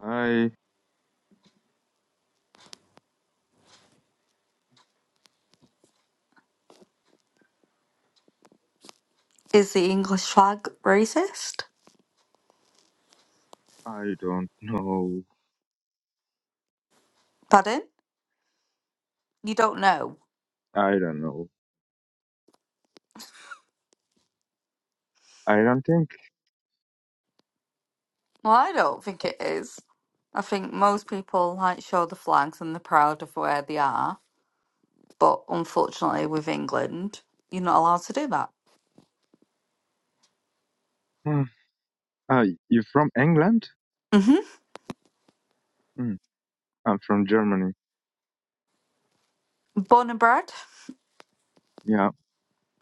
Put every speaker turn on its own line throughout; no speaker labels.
I
Is the English flag racist?
I don't know.
Pardon? You don't know?
I don't know. I don't think.
Well, I don't think it is. I think most people like show the flags and they're proud of where they are, but unfortunately, with England, you're not allowed to do that.
Uh, uh, you're from England?
hmm
Mm, I'm from Germany.
Born and bred.
Yeah,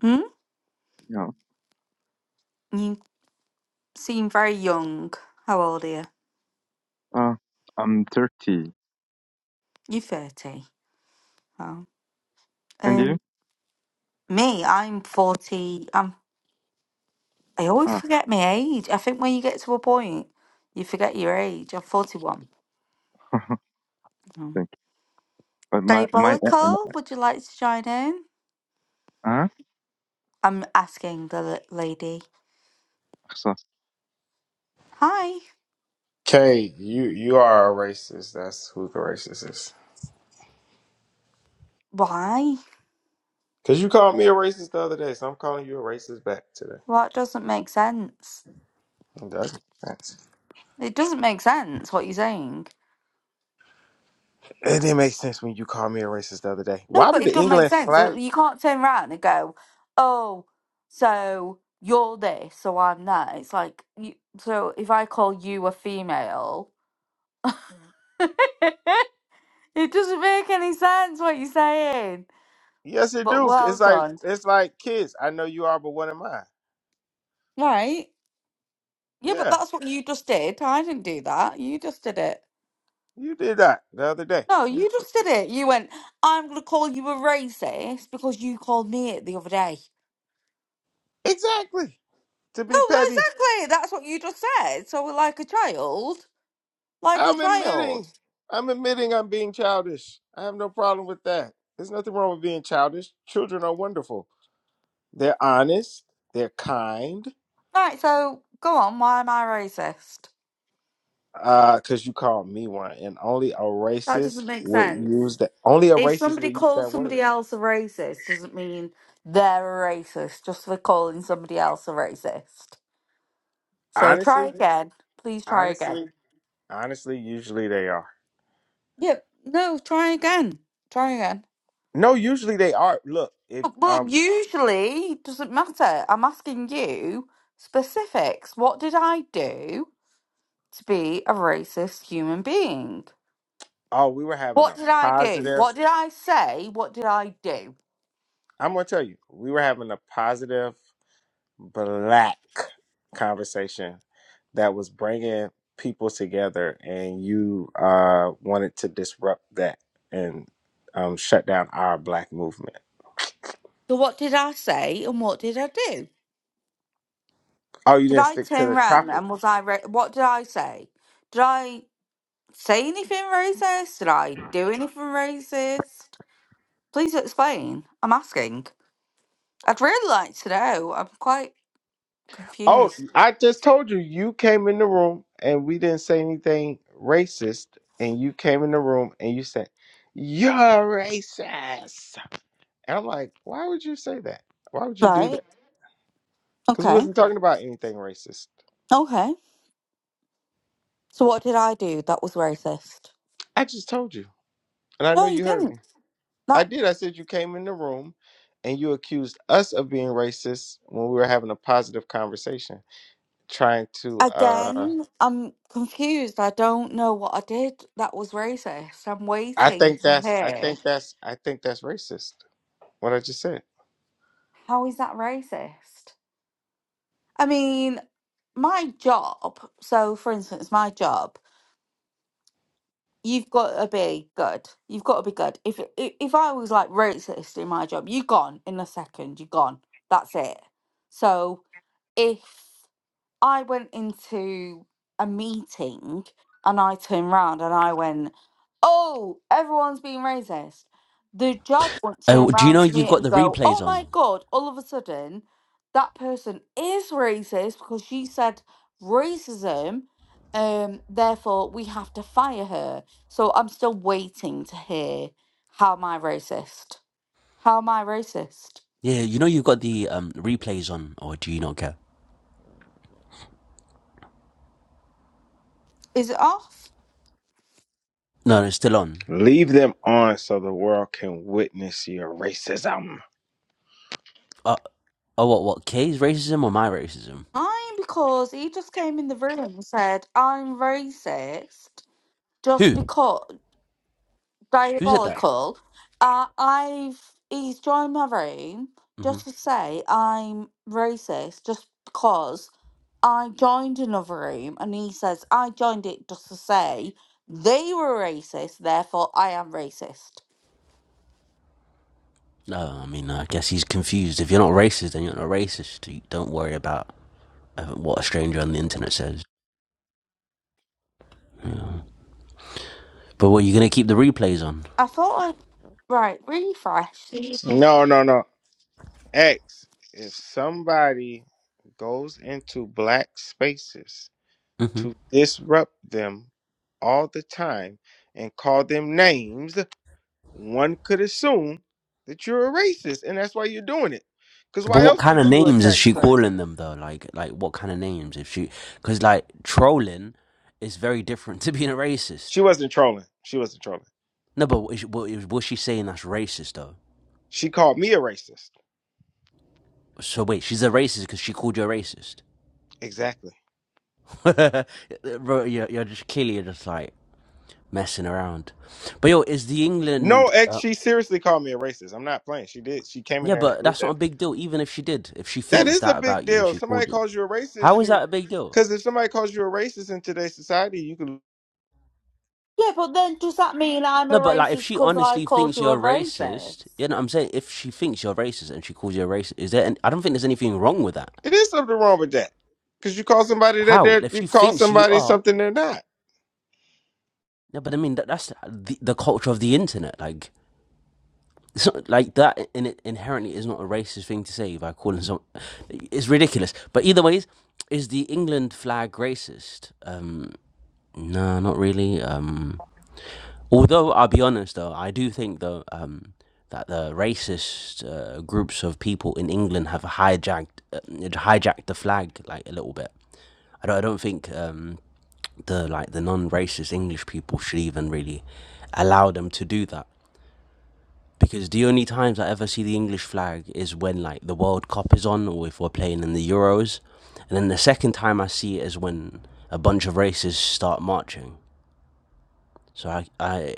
Hmm.
yeah.
You seem very young. How old are you?
Uh, I'm 30.
You're thirty. Oh.
And you?
Um. Me, I'm forty. I'm. I always
Ah,
forget my age. I think when you get to a point, you forget your age. I'm forty-one. Oh.
thank you. But my my
Diabolical,
uh,
would you like to join in?
huh?
I'm asking the l- lady.
So,
Hi.
Kay, you you are a racist. That's who the racist is.
Why?
Cause you called me a racist the other day, so I'm calling you a racist back today.
What doesn't make sense?
It doesn't make sense.
It doesn't make sense what you're saying.
It didn't make sense when you called me a racist the other day.
No,
Why
but
would
it
the
doesn't make
England
sense. Uh,
flag?
You can't turn around and go, oh, so you're this, so I'm that. It's like, you, so if I call you a female, it doesn't make any sense what you're saying.
Yes, it
But
do.
well
It's like
done.
it's like kids. I know you are, but what am I?
Right? Yeah, but
Yeah,
that's what you just did. I didn't do that. You just did it.
you did that the other day.
No, you just did it. You went, I'm going to call you a racist because you called me it the other day.
Exactly. To
No,
be petty,
exactly. That's what you just said. So we're like a child. Like a
I'm
child.
admitting. I'm admitting I'm being childish. I have no problem with that. There's nothing wrong with being childish. Children are wonderful. They're honest. They're kind.
Right, so go on. Why am I racist?
Uh, cause you called me one, and only a
That
racist
doesn't make
would
sense.
use that. Only a
If
racist
somebody
would use
calls
that word.
somebody else a racist, doesn't mean they're a racist just for calling somebody else a racist. So try
Honestly,
again. Please try again.
honestly, honestly, usually they are.
Yep. No, try again. Try again.
No, usually they are. Look, if
But, but
um,
usually it doesn't matter. I'm asking you specifics. What did I do to be a racist human being?
oh, we were having
What
a
did I do?
positive.
What did I say? What did I do?
I'm gonna tell you, we were having a positive black conversation that was bringing people together and you uh wanted to disrupt that and um shut down our black movement
So what did I say and what did I do?
oh you
Did
didn't
I
stick to
turn
the
round
topic
and was I? Ra- what did I say? Did I say anything racist? Did I do anything racist? Please explain. I'm asking. I'd really like to know. I'm quite
oh
confused.
i just told you you came in the room and we didn't say anything racist and you came in the room and you said you're racist and i'm like why would you say that why would you do
Right.
that because we
Okay.
wasn't talking about anything racist
Okay. So what did I do that was racist?
i just told you and i know
No, you
you heard me
didn't.
I
That
did. I said you came in the room and you accused us of being racist when we were having a positive conversation, trying to. uh
again, I'm confused. I don't know what I did that was racist. I'm
I
waiting
think
to
that's. I
hear.
think that's. I think that's racist. What I just said.
How is that racist? I mean, my job. So, for instance, my job. you've got to be good. You've got to be good. If if if I was like racist in my job, you gone in a second. You gone. That's it. So if I went into a meeting and I turned round and I went, Oh, everyone's being racist. The job would turn
Oh, do you
round
know
to
you've
me
got
and
the
go, Oh
replays
my
on?
God, all of a sudden, that person is racist because she said racism. Um, therefore, we have to fire her. So I'm still waiting to hear how am I racist? How am I racist?
Yeah, you know you've got the um replays on, or do you not care?
Is it off?
No, no, it's still on.
Leave them on so the world can witness your racism.
Uh, oh, what? What? Kay's racism or my racism?
I'm because he just came in the room and said, I'm racist just
Who?
because
Who said that?
diabolical. Uh, I've he's joined my room
hmm
just to say I'm racist just because I joined another room and he says I joined it just to say they were racist, therefore I am racist.
No, I mean, I guess he's confused. If you're not racist, then you're not racist. So You Don't worry about uh, what a stranger on the internet says. Yeah. But what? You're gonna keep the replays on?
I thought i right, refresh. Jesus.
No, no, no. X. If somebody goes into black spaces
hmm
to disrupt them all the time and call them names one could assume that you're a racist and that's why you're doing it. Because
But
why
what
else
kind of
would you
names is
attack
she
strangers?
calling them though? Like, like what kind of names? If she, because like trolling is very different to being a racist.
She wasn't trolling. She wasn't trolling.
No, but what is- what is- was she saying that's racist though?
She called me a racist.
So wait, she's a racist because she called you a racist.
Exactly.
Bro, you're, you're just clearly you're just like messing around. But yo, is the
No,
England?
ex,
Uh,
she seriously called me a racist. I'm not playing. She did. She came in
yeah,
there and
but
did
that's not a
that.
big deal. Even if she did, if she
That
thinks
is a
that
big
about you and
deal. If
she
somebody
called you,
calls you a racist,
how is
you
that a big deal?
because if somebody calls you a racist in today's society, you can.
Yeah, but then does that mean I'm a
No, but like if
racist
she
because I
honestly
called
thinks
you a
you're racist,
racist?
you know, what I'm saying if she thinks you're racist and she calls you a racist, is there? An, I don't think there's anything wrong with that.
It is something wrong with that. Because you call somebody that
How?
they're
If
you
she
call
thinks you
somebody
are,
something they're not.
yeah, but I mean that, that's the, the culture of the internet, like. it's not like that in it inherently is not a racist thing to say by calling some it's ridiculous but either ways is the england flag racist um no not really um although i'll be honest though i do think though um that the racist uh, groups of people in england have hijacked uh, hijacked the flag like a little bit i don't, I don't think um the like the non-racist english people should even really allow them to do that because the only times I ever see the English flag is when like the World Cup is on or if we're playing in the Euros. And then the second time I see it is when a bunch of races start marching. So I I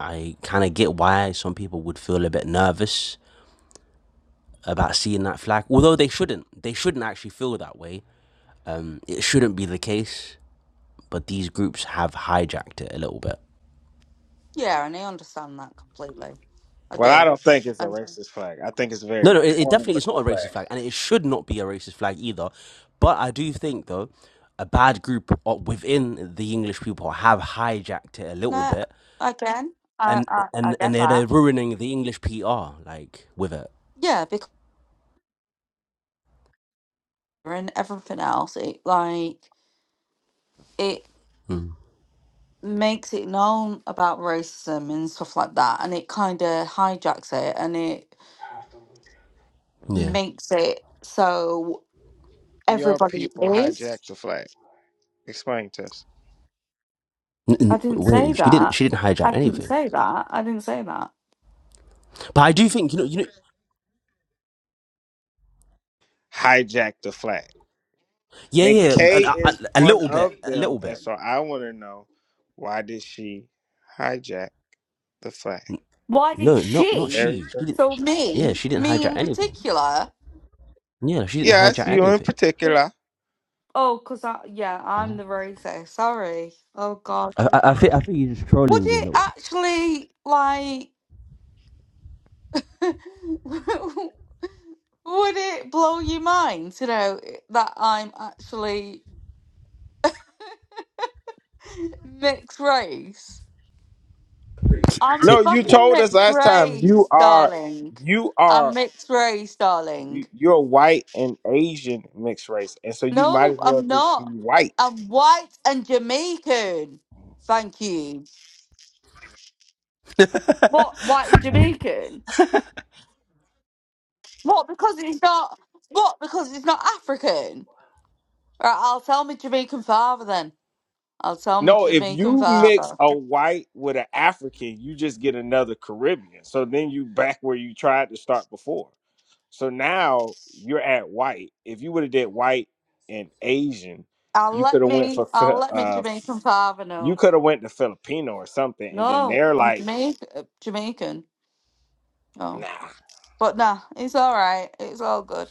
I kind of get why some people would feel a bit nervous about seeing that flag, although they shouldn't. They shouldn't actually feel that way. Um, it shouldn't be the case, but these groups have hijacked it a little bit.
Yeah, and I understand that completely. I
Well, I
do.
don't think it's a
And
racist flag. I think it's a
No,
very
no, it, it
boring
definitely is not
looking
a racist
flag.
flag, and it should not be a racist flag either. But I do think, though, a bad group o- within the English people have hijacked it a little
uh,
bit,
again, I,
and
I I
and
get
and they're,
that.
they're ruining the English PR like with it.
Yeah, because and everything else, it like it
Mm.
makes it known about racism and stuff like that, and it kind of hijacks it, and it
Yeah.
makes it so
your
everybody
people
is.
hijacked the flag? Explain to us.
N-
I
n-
didn't say
Wait, she didn't.
that.
She didn't hijack
I didn't
anything.
say that. I didn't say that.
But I do think you know. You know.
Hijacked the flag.
Yeah,
And
yeah.
Kay
A, a,
is
a
one
little
of
bit. A
them.
little
And
bit.
so I want to know why did she hijack the flag?
Why did
No, not not
she?
Very
she.
simple.
She didn't.
So
Yeah,
me,
she didn't
me
hijack
in
anything.
particular.
Yeah, she didn't
Yes,
hijack
you in
anything.
particular.
Oh, because I, yeah, I'm
Oh.
the racist. Sorry. Oh, God.
I, I, I think I think he's just
Would
trolling you a
it
little.
actually, like, would it blow your mind to know that I'm actually mixed race? I'm
T-
No, you
fucking
told us
mixed
last time you
race,
are
darling.
you
I'm
are
mixed race, darling.
you- you're white and Asian mixed race, and so you might
No,
as well
I'm
just be
not.
white.
I'm white and Jamaican. Thank you. What, white and Jamaican? What? Because he's not. What? Because he's not African. Right. I'll tell my Jamaican father then. I'll tell my
No, if
Jamaican
you mix
father.
a white with an African, you just get another Caribbean. So then you back where you tried to start before. So now you're at white. If you would have did white and Asian,
I'll
you could
let
have went
me.
for
I'll
Fi-
let my
uh
Jamaican father
you
know.
could have went to Filipino or something and then
No,
they're
I'm
like,
Jamaican. Jamaican. Oh,
"Nah,
but nah, it's all right. It's all good.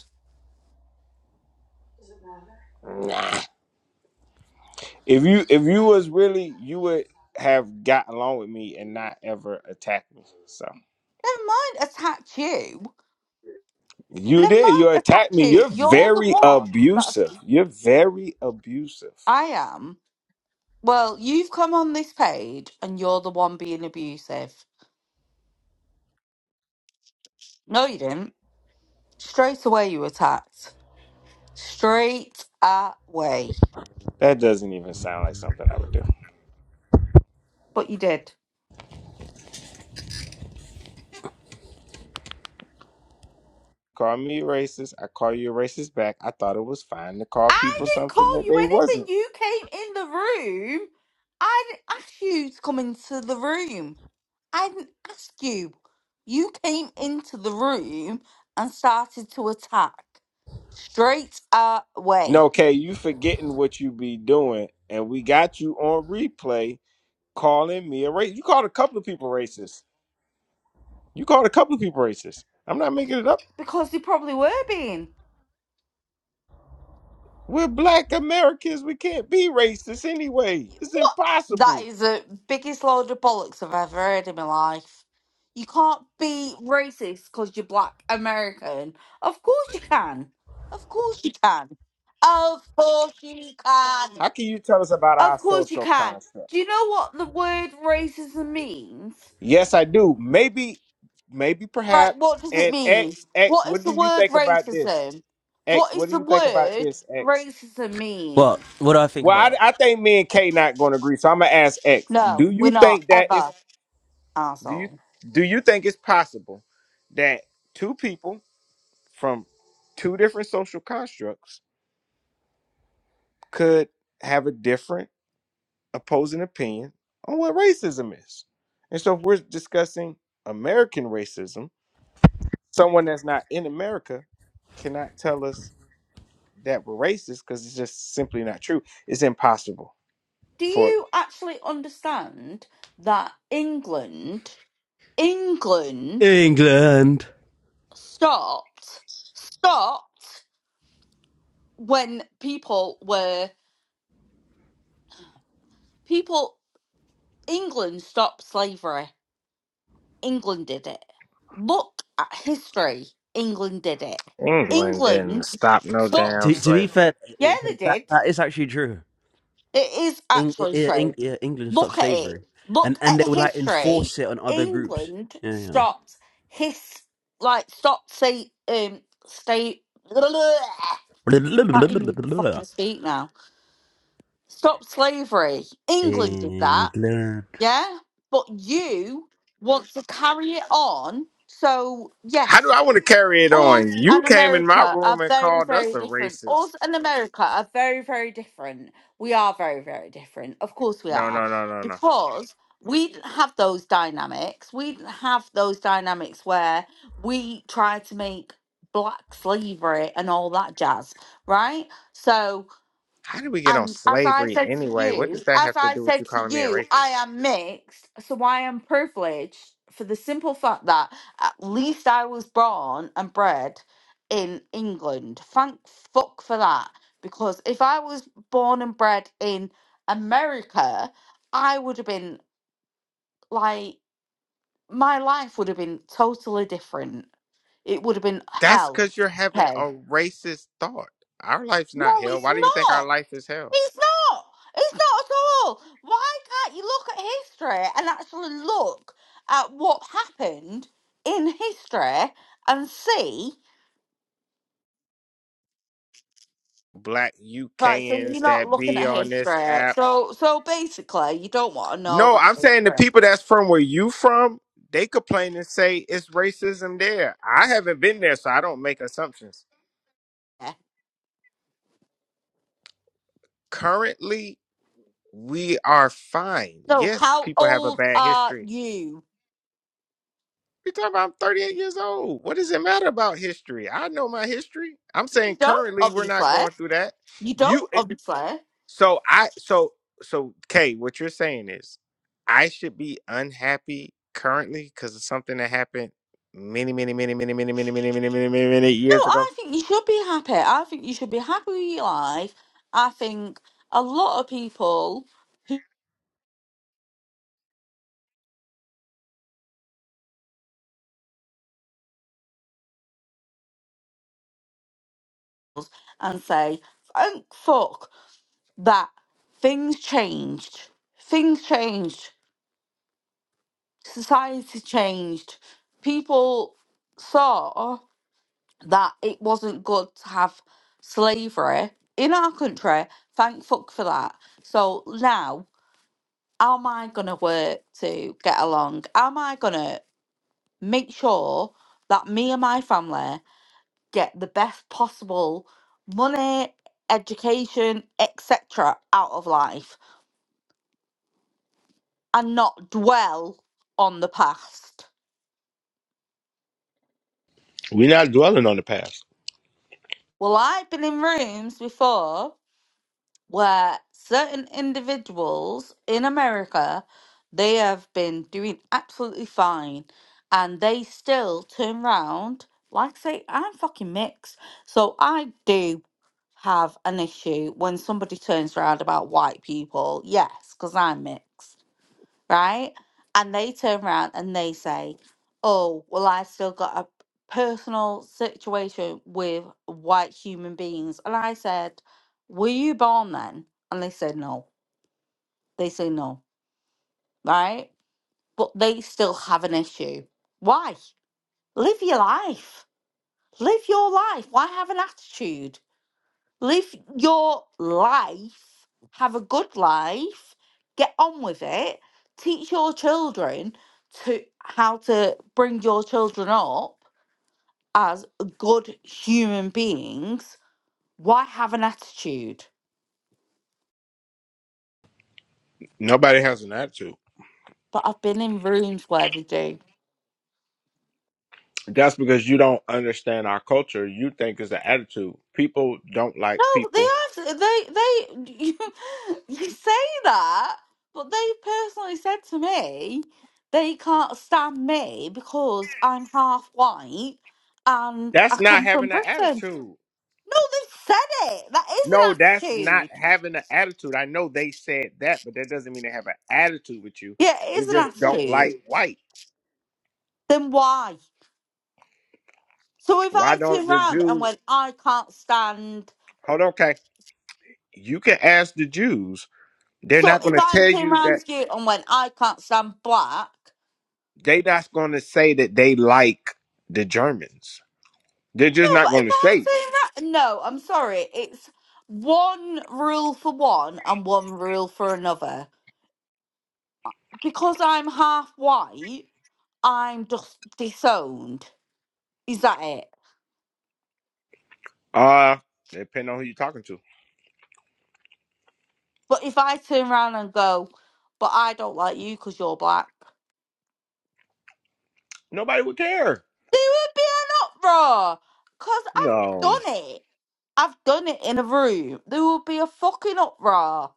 nah." If you if you was really you would have got along with me and not ever attack me. So.
Never mind. Attack you.
You
Never
did.
mind.
You
Attack
attacked me.
you.
You're
You're the
very
one. That's.
abusive. You're very abusive.
I am. Well, you've come on this page and you're the one being abusive. No, you didn't. Straight away, you attacked. Straight away.
That doesn't even sound like something I would do.
But you did.
Call me racist. I call you a racist back. I thought it was fine to call
I
people
didn't
something
call
that
you
they
anything.
wasn't.
You came in the room. I didn't ask you to come into the room. I didn't ask you. You came into the room and started to attack straight away
No, Kay, you forgetting what you be doing, and we got you on replay calling me a racist. You called a couple of people racist. You called a couple of people racist. I'm not making it up.
because they probably were being.
We're black Americans. We can't be racist anyway. It's
What? That
impossible.
is the biggest load of bollocks I've ever heard in my life. You can't be racist because you're black American. Of course you can. Of course you can. Of course you can.
How can you tell us about our
Of course you
social
can.
construct?
Do you know what the word racism means?
Yes, I do. Maybe, maybe,
Right,
perhaps.
what does it
And
mean?
X, X,
What is
what do
the
you
word
think about this?
racism?
X,
What is
what do
the
you think about
word
this? X.
racism mean?
what? What do I think
Well, I,
about
I think me and K not going to agree, so I'm gonna ask X.
No,
Do
we're
you
not
think that is
ever,
do you
asshole.
do you think it's possible that two people from two different social constructs could have a different opposing opinion on what racism is? And so, if we're discussing American racism someone that's not in America cannot tell us that we're racist because it's just simply not true. It's impossible
do
for
you actually understand that England,
it?
England
England.
stopped, stopped when people were, people, England stopped slavery. England did it. Look at history. England did it.
England didn't
England
stop no
took,
To,
damn
to be
slavery.
fair, uh,
yeah,
uh,
they
that,
did.
that is actually true.
It is
Eng-
actually
uh,
true.
Eng- uh, England stopped
Look at it.
slavery, and
Look
and
at
they would like
history.
enforce it on other groups.
England
Yeah,
stopped his like stopped say um state. Can't even
yeah.
fucking speak now. Stopped slavery. England did that.
England.
Yeah, but you want to carry it on. So
How
yes,
do I want to carry it
Oz
on? You
and
came in my
America are
room and
very,
called us
very
a
different.
racist.
Oz and America are very, very different. We are very, very different. Of course we
No,
are.
no, no, no, no.
Because we didn't have those dynamics. We didn't have those dynamics where we tried to make black slavery and all that jazz, right? So
How did we get on
and as I
slavery
said to
anyway? What
you,
does that
as
have to
I
do with
said
you
to
calling me a
you, I
racist?
am mixed, so I am privileged for the simple fact that at least I was born and bred in England. Thank fuck for that. Because if I was born and bred in America, I would have been like, my life would have been totally different. It would have been
That's
hell.
because you're having
Okay.
a racist thought. Our life's not
No,
hell.
it's
Why do you think our
not.
life is hell?
It's not. It's not at all. Why can't you look at history and actually look at what happened in history and see?
Black
Right, so you're
UKans
not
that
looking
be
at
on this
history.
app
So, so basically, you don't want to know
No,
about
I'm saying the
history.
people that's from where you from, they complain and say it's racism there. I haven't been there, so I don't make assumptions.
yeah?
Currently, we are fine.
So,
Yes,
how
people have a
old
bad
are
history.
you?
You talking about I'm 38 years old. What does it matter about history? I know my history. I'm
You
saying
don't,
currently we're not
obviously.
going through that.
You don't,
You
obviously.
So I so so Kay, what you're saying is I should be unhappy currently because of something that happened many, many, many, many, many, many, many, many, many, many, many
No,
years ago.
I think you should be happy. I think you should be happy with your life. I think a lot of people. and say, thank fuck that things changed. Things changed. Society changed. People saw that it wasn't good to have slavery in our country. Thank fuck for that. So now, how am I going to work to get along? How am I going to make sure that me and my family get the best possible money, education, etc. out of life? and not dwell on the past.
We're not dwelling on the past.
Well, I've been in rooms before where certain individuals in America they have been doing absolutely fine and they still turn round like say I'm fucking mixed. So I do have an issue when somebody turns around about white people. Yes, because I'm mixed. right? And they turn around and they say, Oh, well, I've still got a personal situation with white human beings. And I said, Were you born then? And they said, No. They say, No, right? But they still have an issue. Why? Live your life. Live your life. Why have an attitude? live your life, have a good life, get on with it, teach your children to how to bring your children up as good human beings. Why have an attitude?
Nobody has an attitude.
But I've been in rooms where they do.
That's because you don't understand our culture. You think it's an attitude. People don't like
No,
people.
they have. They they you, you say that, but they personally said to me they can't stand me because I'm half white and I
That's not
come from
having an
Britain.
attitude.
No, they've said it. That
No,
is an
that's not
attitude.
having an attitude. I know they said that, but that doesn't mean they have an attitude with you.
Yeah, it
They
is an
just don't
attitude.
like white.
Then why? So if
Why
I turn
don't the
round and
Jews
went, I can't stand.
hold on, okay? You can ask the Jews. They're
So
not
if
gonna
I
tell
turn
you
round
that
to you and went, I can't stand black.
they not gonna say that they like the Germans. They're just
No,
not
but if
gonna
I
say. it.
say ra- no, I'm sorry. It's one rule for one and one rule for another. Because I'm half white, I'm just disowned. Is that it?
Uh depending on who you're talking to.
But if I turn around and go, but I don't like you because you're black,
Nobody would care.
there would be an uproar. Because I've
No.
done it. I've done it in a room. There would be a fucking uproar.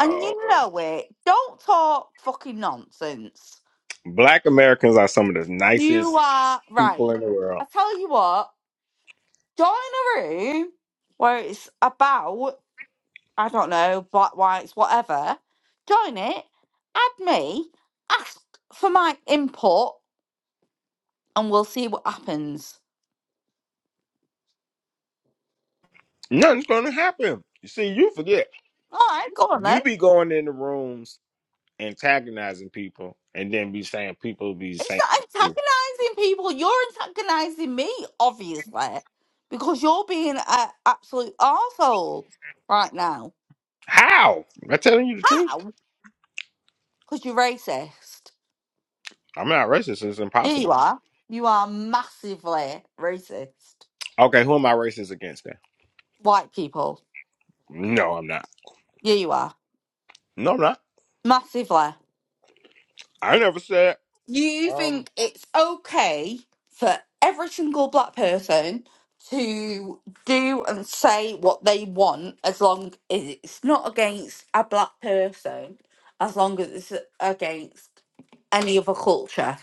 And you know it. Don't talk fucking nonsense.
Black Americans are some of the
You
nicest
are
people
right.
in the
I
world.
tell you what, join a room where it's about, I don't know, black, whites, whatever. Join it, add me, ask for my input, and we'll see what happens.
Nothing's gonna happen. You see, you forget.
All right, go on then.
You be going in the rooms antagonizing people and then be saying people be
It's
saying
not antagonizing people. You're antagonizing me, obviously, because you're being an absolute arsehole right now.
How? Am I telling you the truth?
How? Because you're racist.
I'm not racist. It's
Yeah, you
impossible.
are. You are massively racist.
Okay, who am I racist against then?
White people.
No, I'm not.
Yeah, you are.
No, I'm not.
Massively.
I never said.
You
Um,
think it's okay for every single black person to do and say what they want as long as it's not against a black person, as long as it's against any other culture.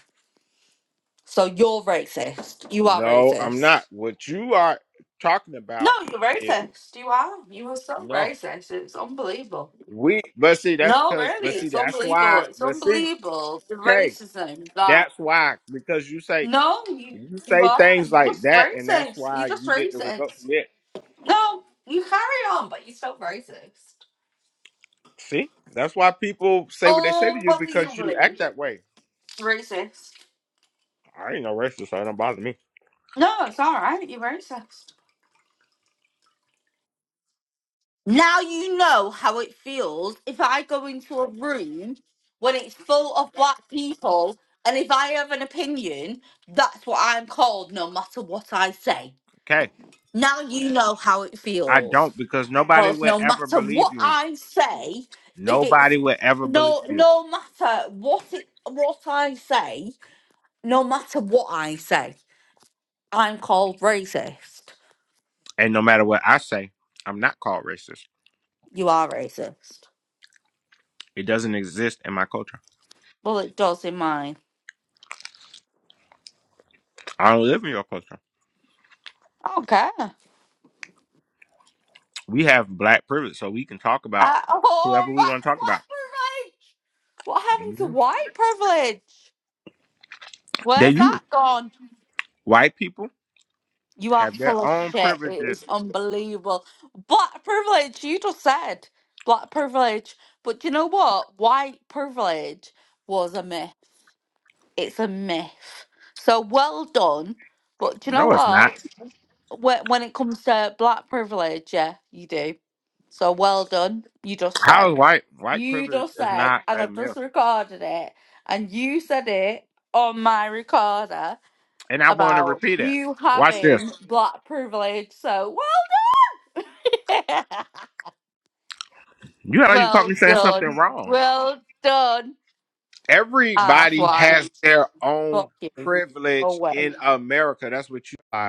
So you're racist. You are
no, I'm not.
racist.
What you are talking
No,
about
you're
is
racist. You are. You are so
no.
racist. It's unbelievable.
We, but see, that's
No,
because,
really,
but see,
it's
that's
unbelievable.
why,
It's
but see,
unbelievable the
okay,
racism that.
that's why because you say
No, you,
you
you
say
are.
things
You're
like
just
that, and that's
racist. You're
why
just
you get the results
racist.
you get.
No, you carry on, but you're still racist.
See, that's why people say what they say to you because you
Unbelievably
act that way.
racist.
I ain't no racist, so it don't bother me.
No, it's all right. You're racist. Now you know how it feels if I go into a room when it's full of black people, and if I have an opinion, that's what I'm called, no matter what I say. Now you know how it
I
feels.
don't because nobody
Because
will
no
ever
matter
believe
what
you.
I say, if it's
Nobody will ever believe
no
you.
no matter what it what I say, no matter what I say, I'm called racist.
And no matter what I say, I'm not called racist.
You are racist.
It doesn't exist in my culture.
Well it does in mine.
I don't live in your culture.
I don't care.
We have black privilege, so we can talk about
Uh, oh
whoever we
black,
want to talk
black
about.
privilege. What happened to
Mhm.
white privilege?
They
Where's that
you
gone?
white people
You are
have
full
their
of
own
shit. It is
privileges.
unbelievable. Black privilege, you just said black privilege. But do you know what? White privilege was a myth. It's a myth. So well done. But do you know
No, it's not.
what? When, when it comes to black privilege, yeah, you do. So well done. You just said.
How is white white
You
privilege
just
is
said,
not
and
a
I've just
myth.
recorded it, and you said it on my recorder
And I want to
about
repeat it.
you
Watch this.
having black privilege. So well, yeah.
You know you caught
well
me saying something
done,
wrong.
well done,
Everybody
asswipe.
has their own
Fuck you. Go
privilege
away.
in America. That's what you are.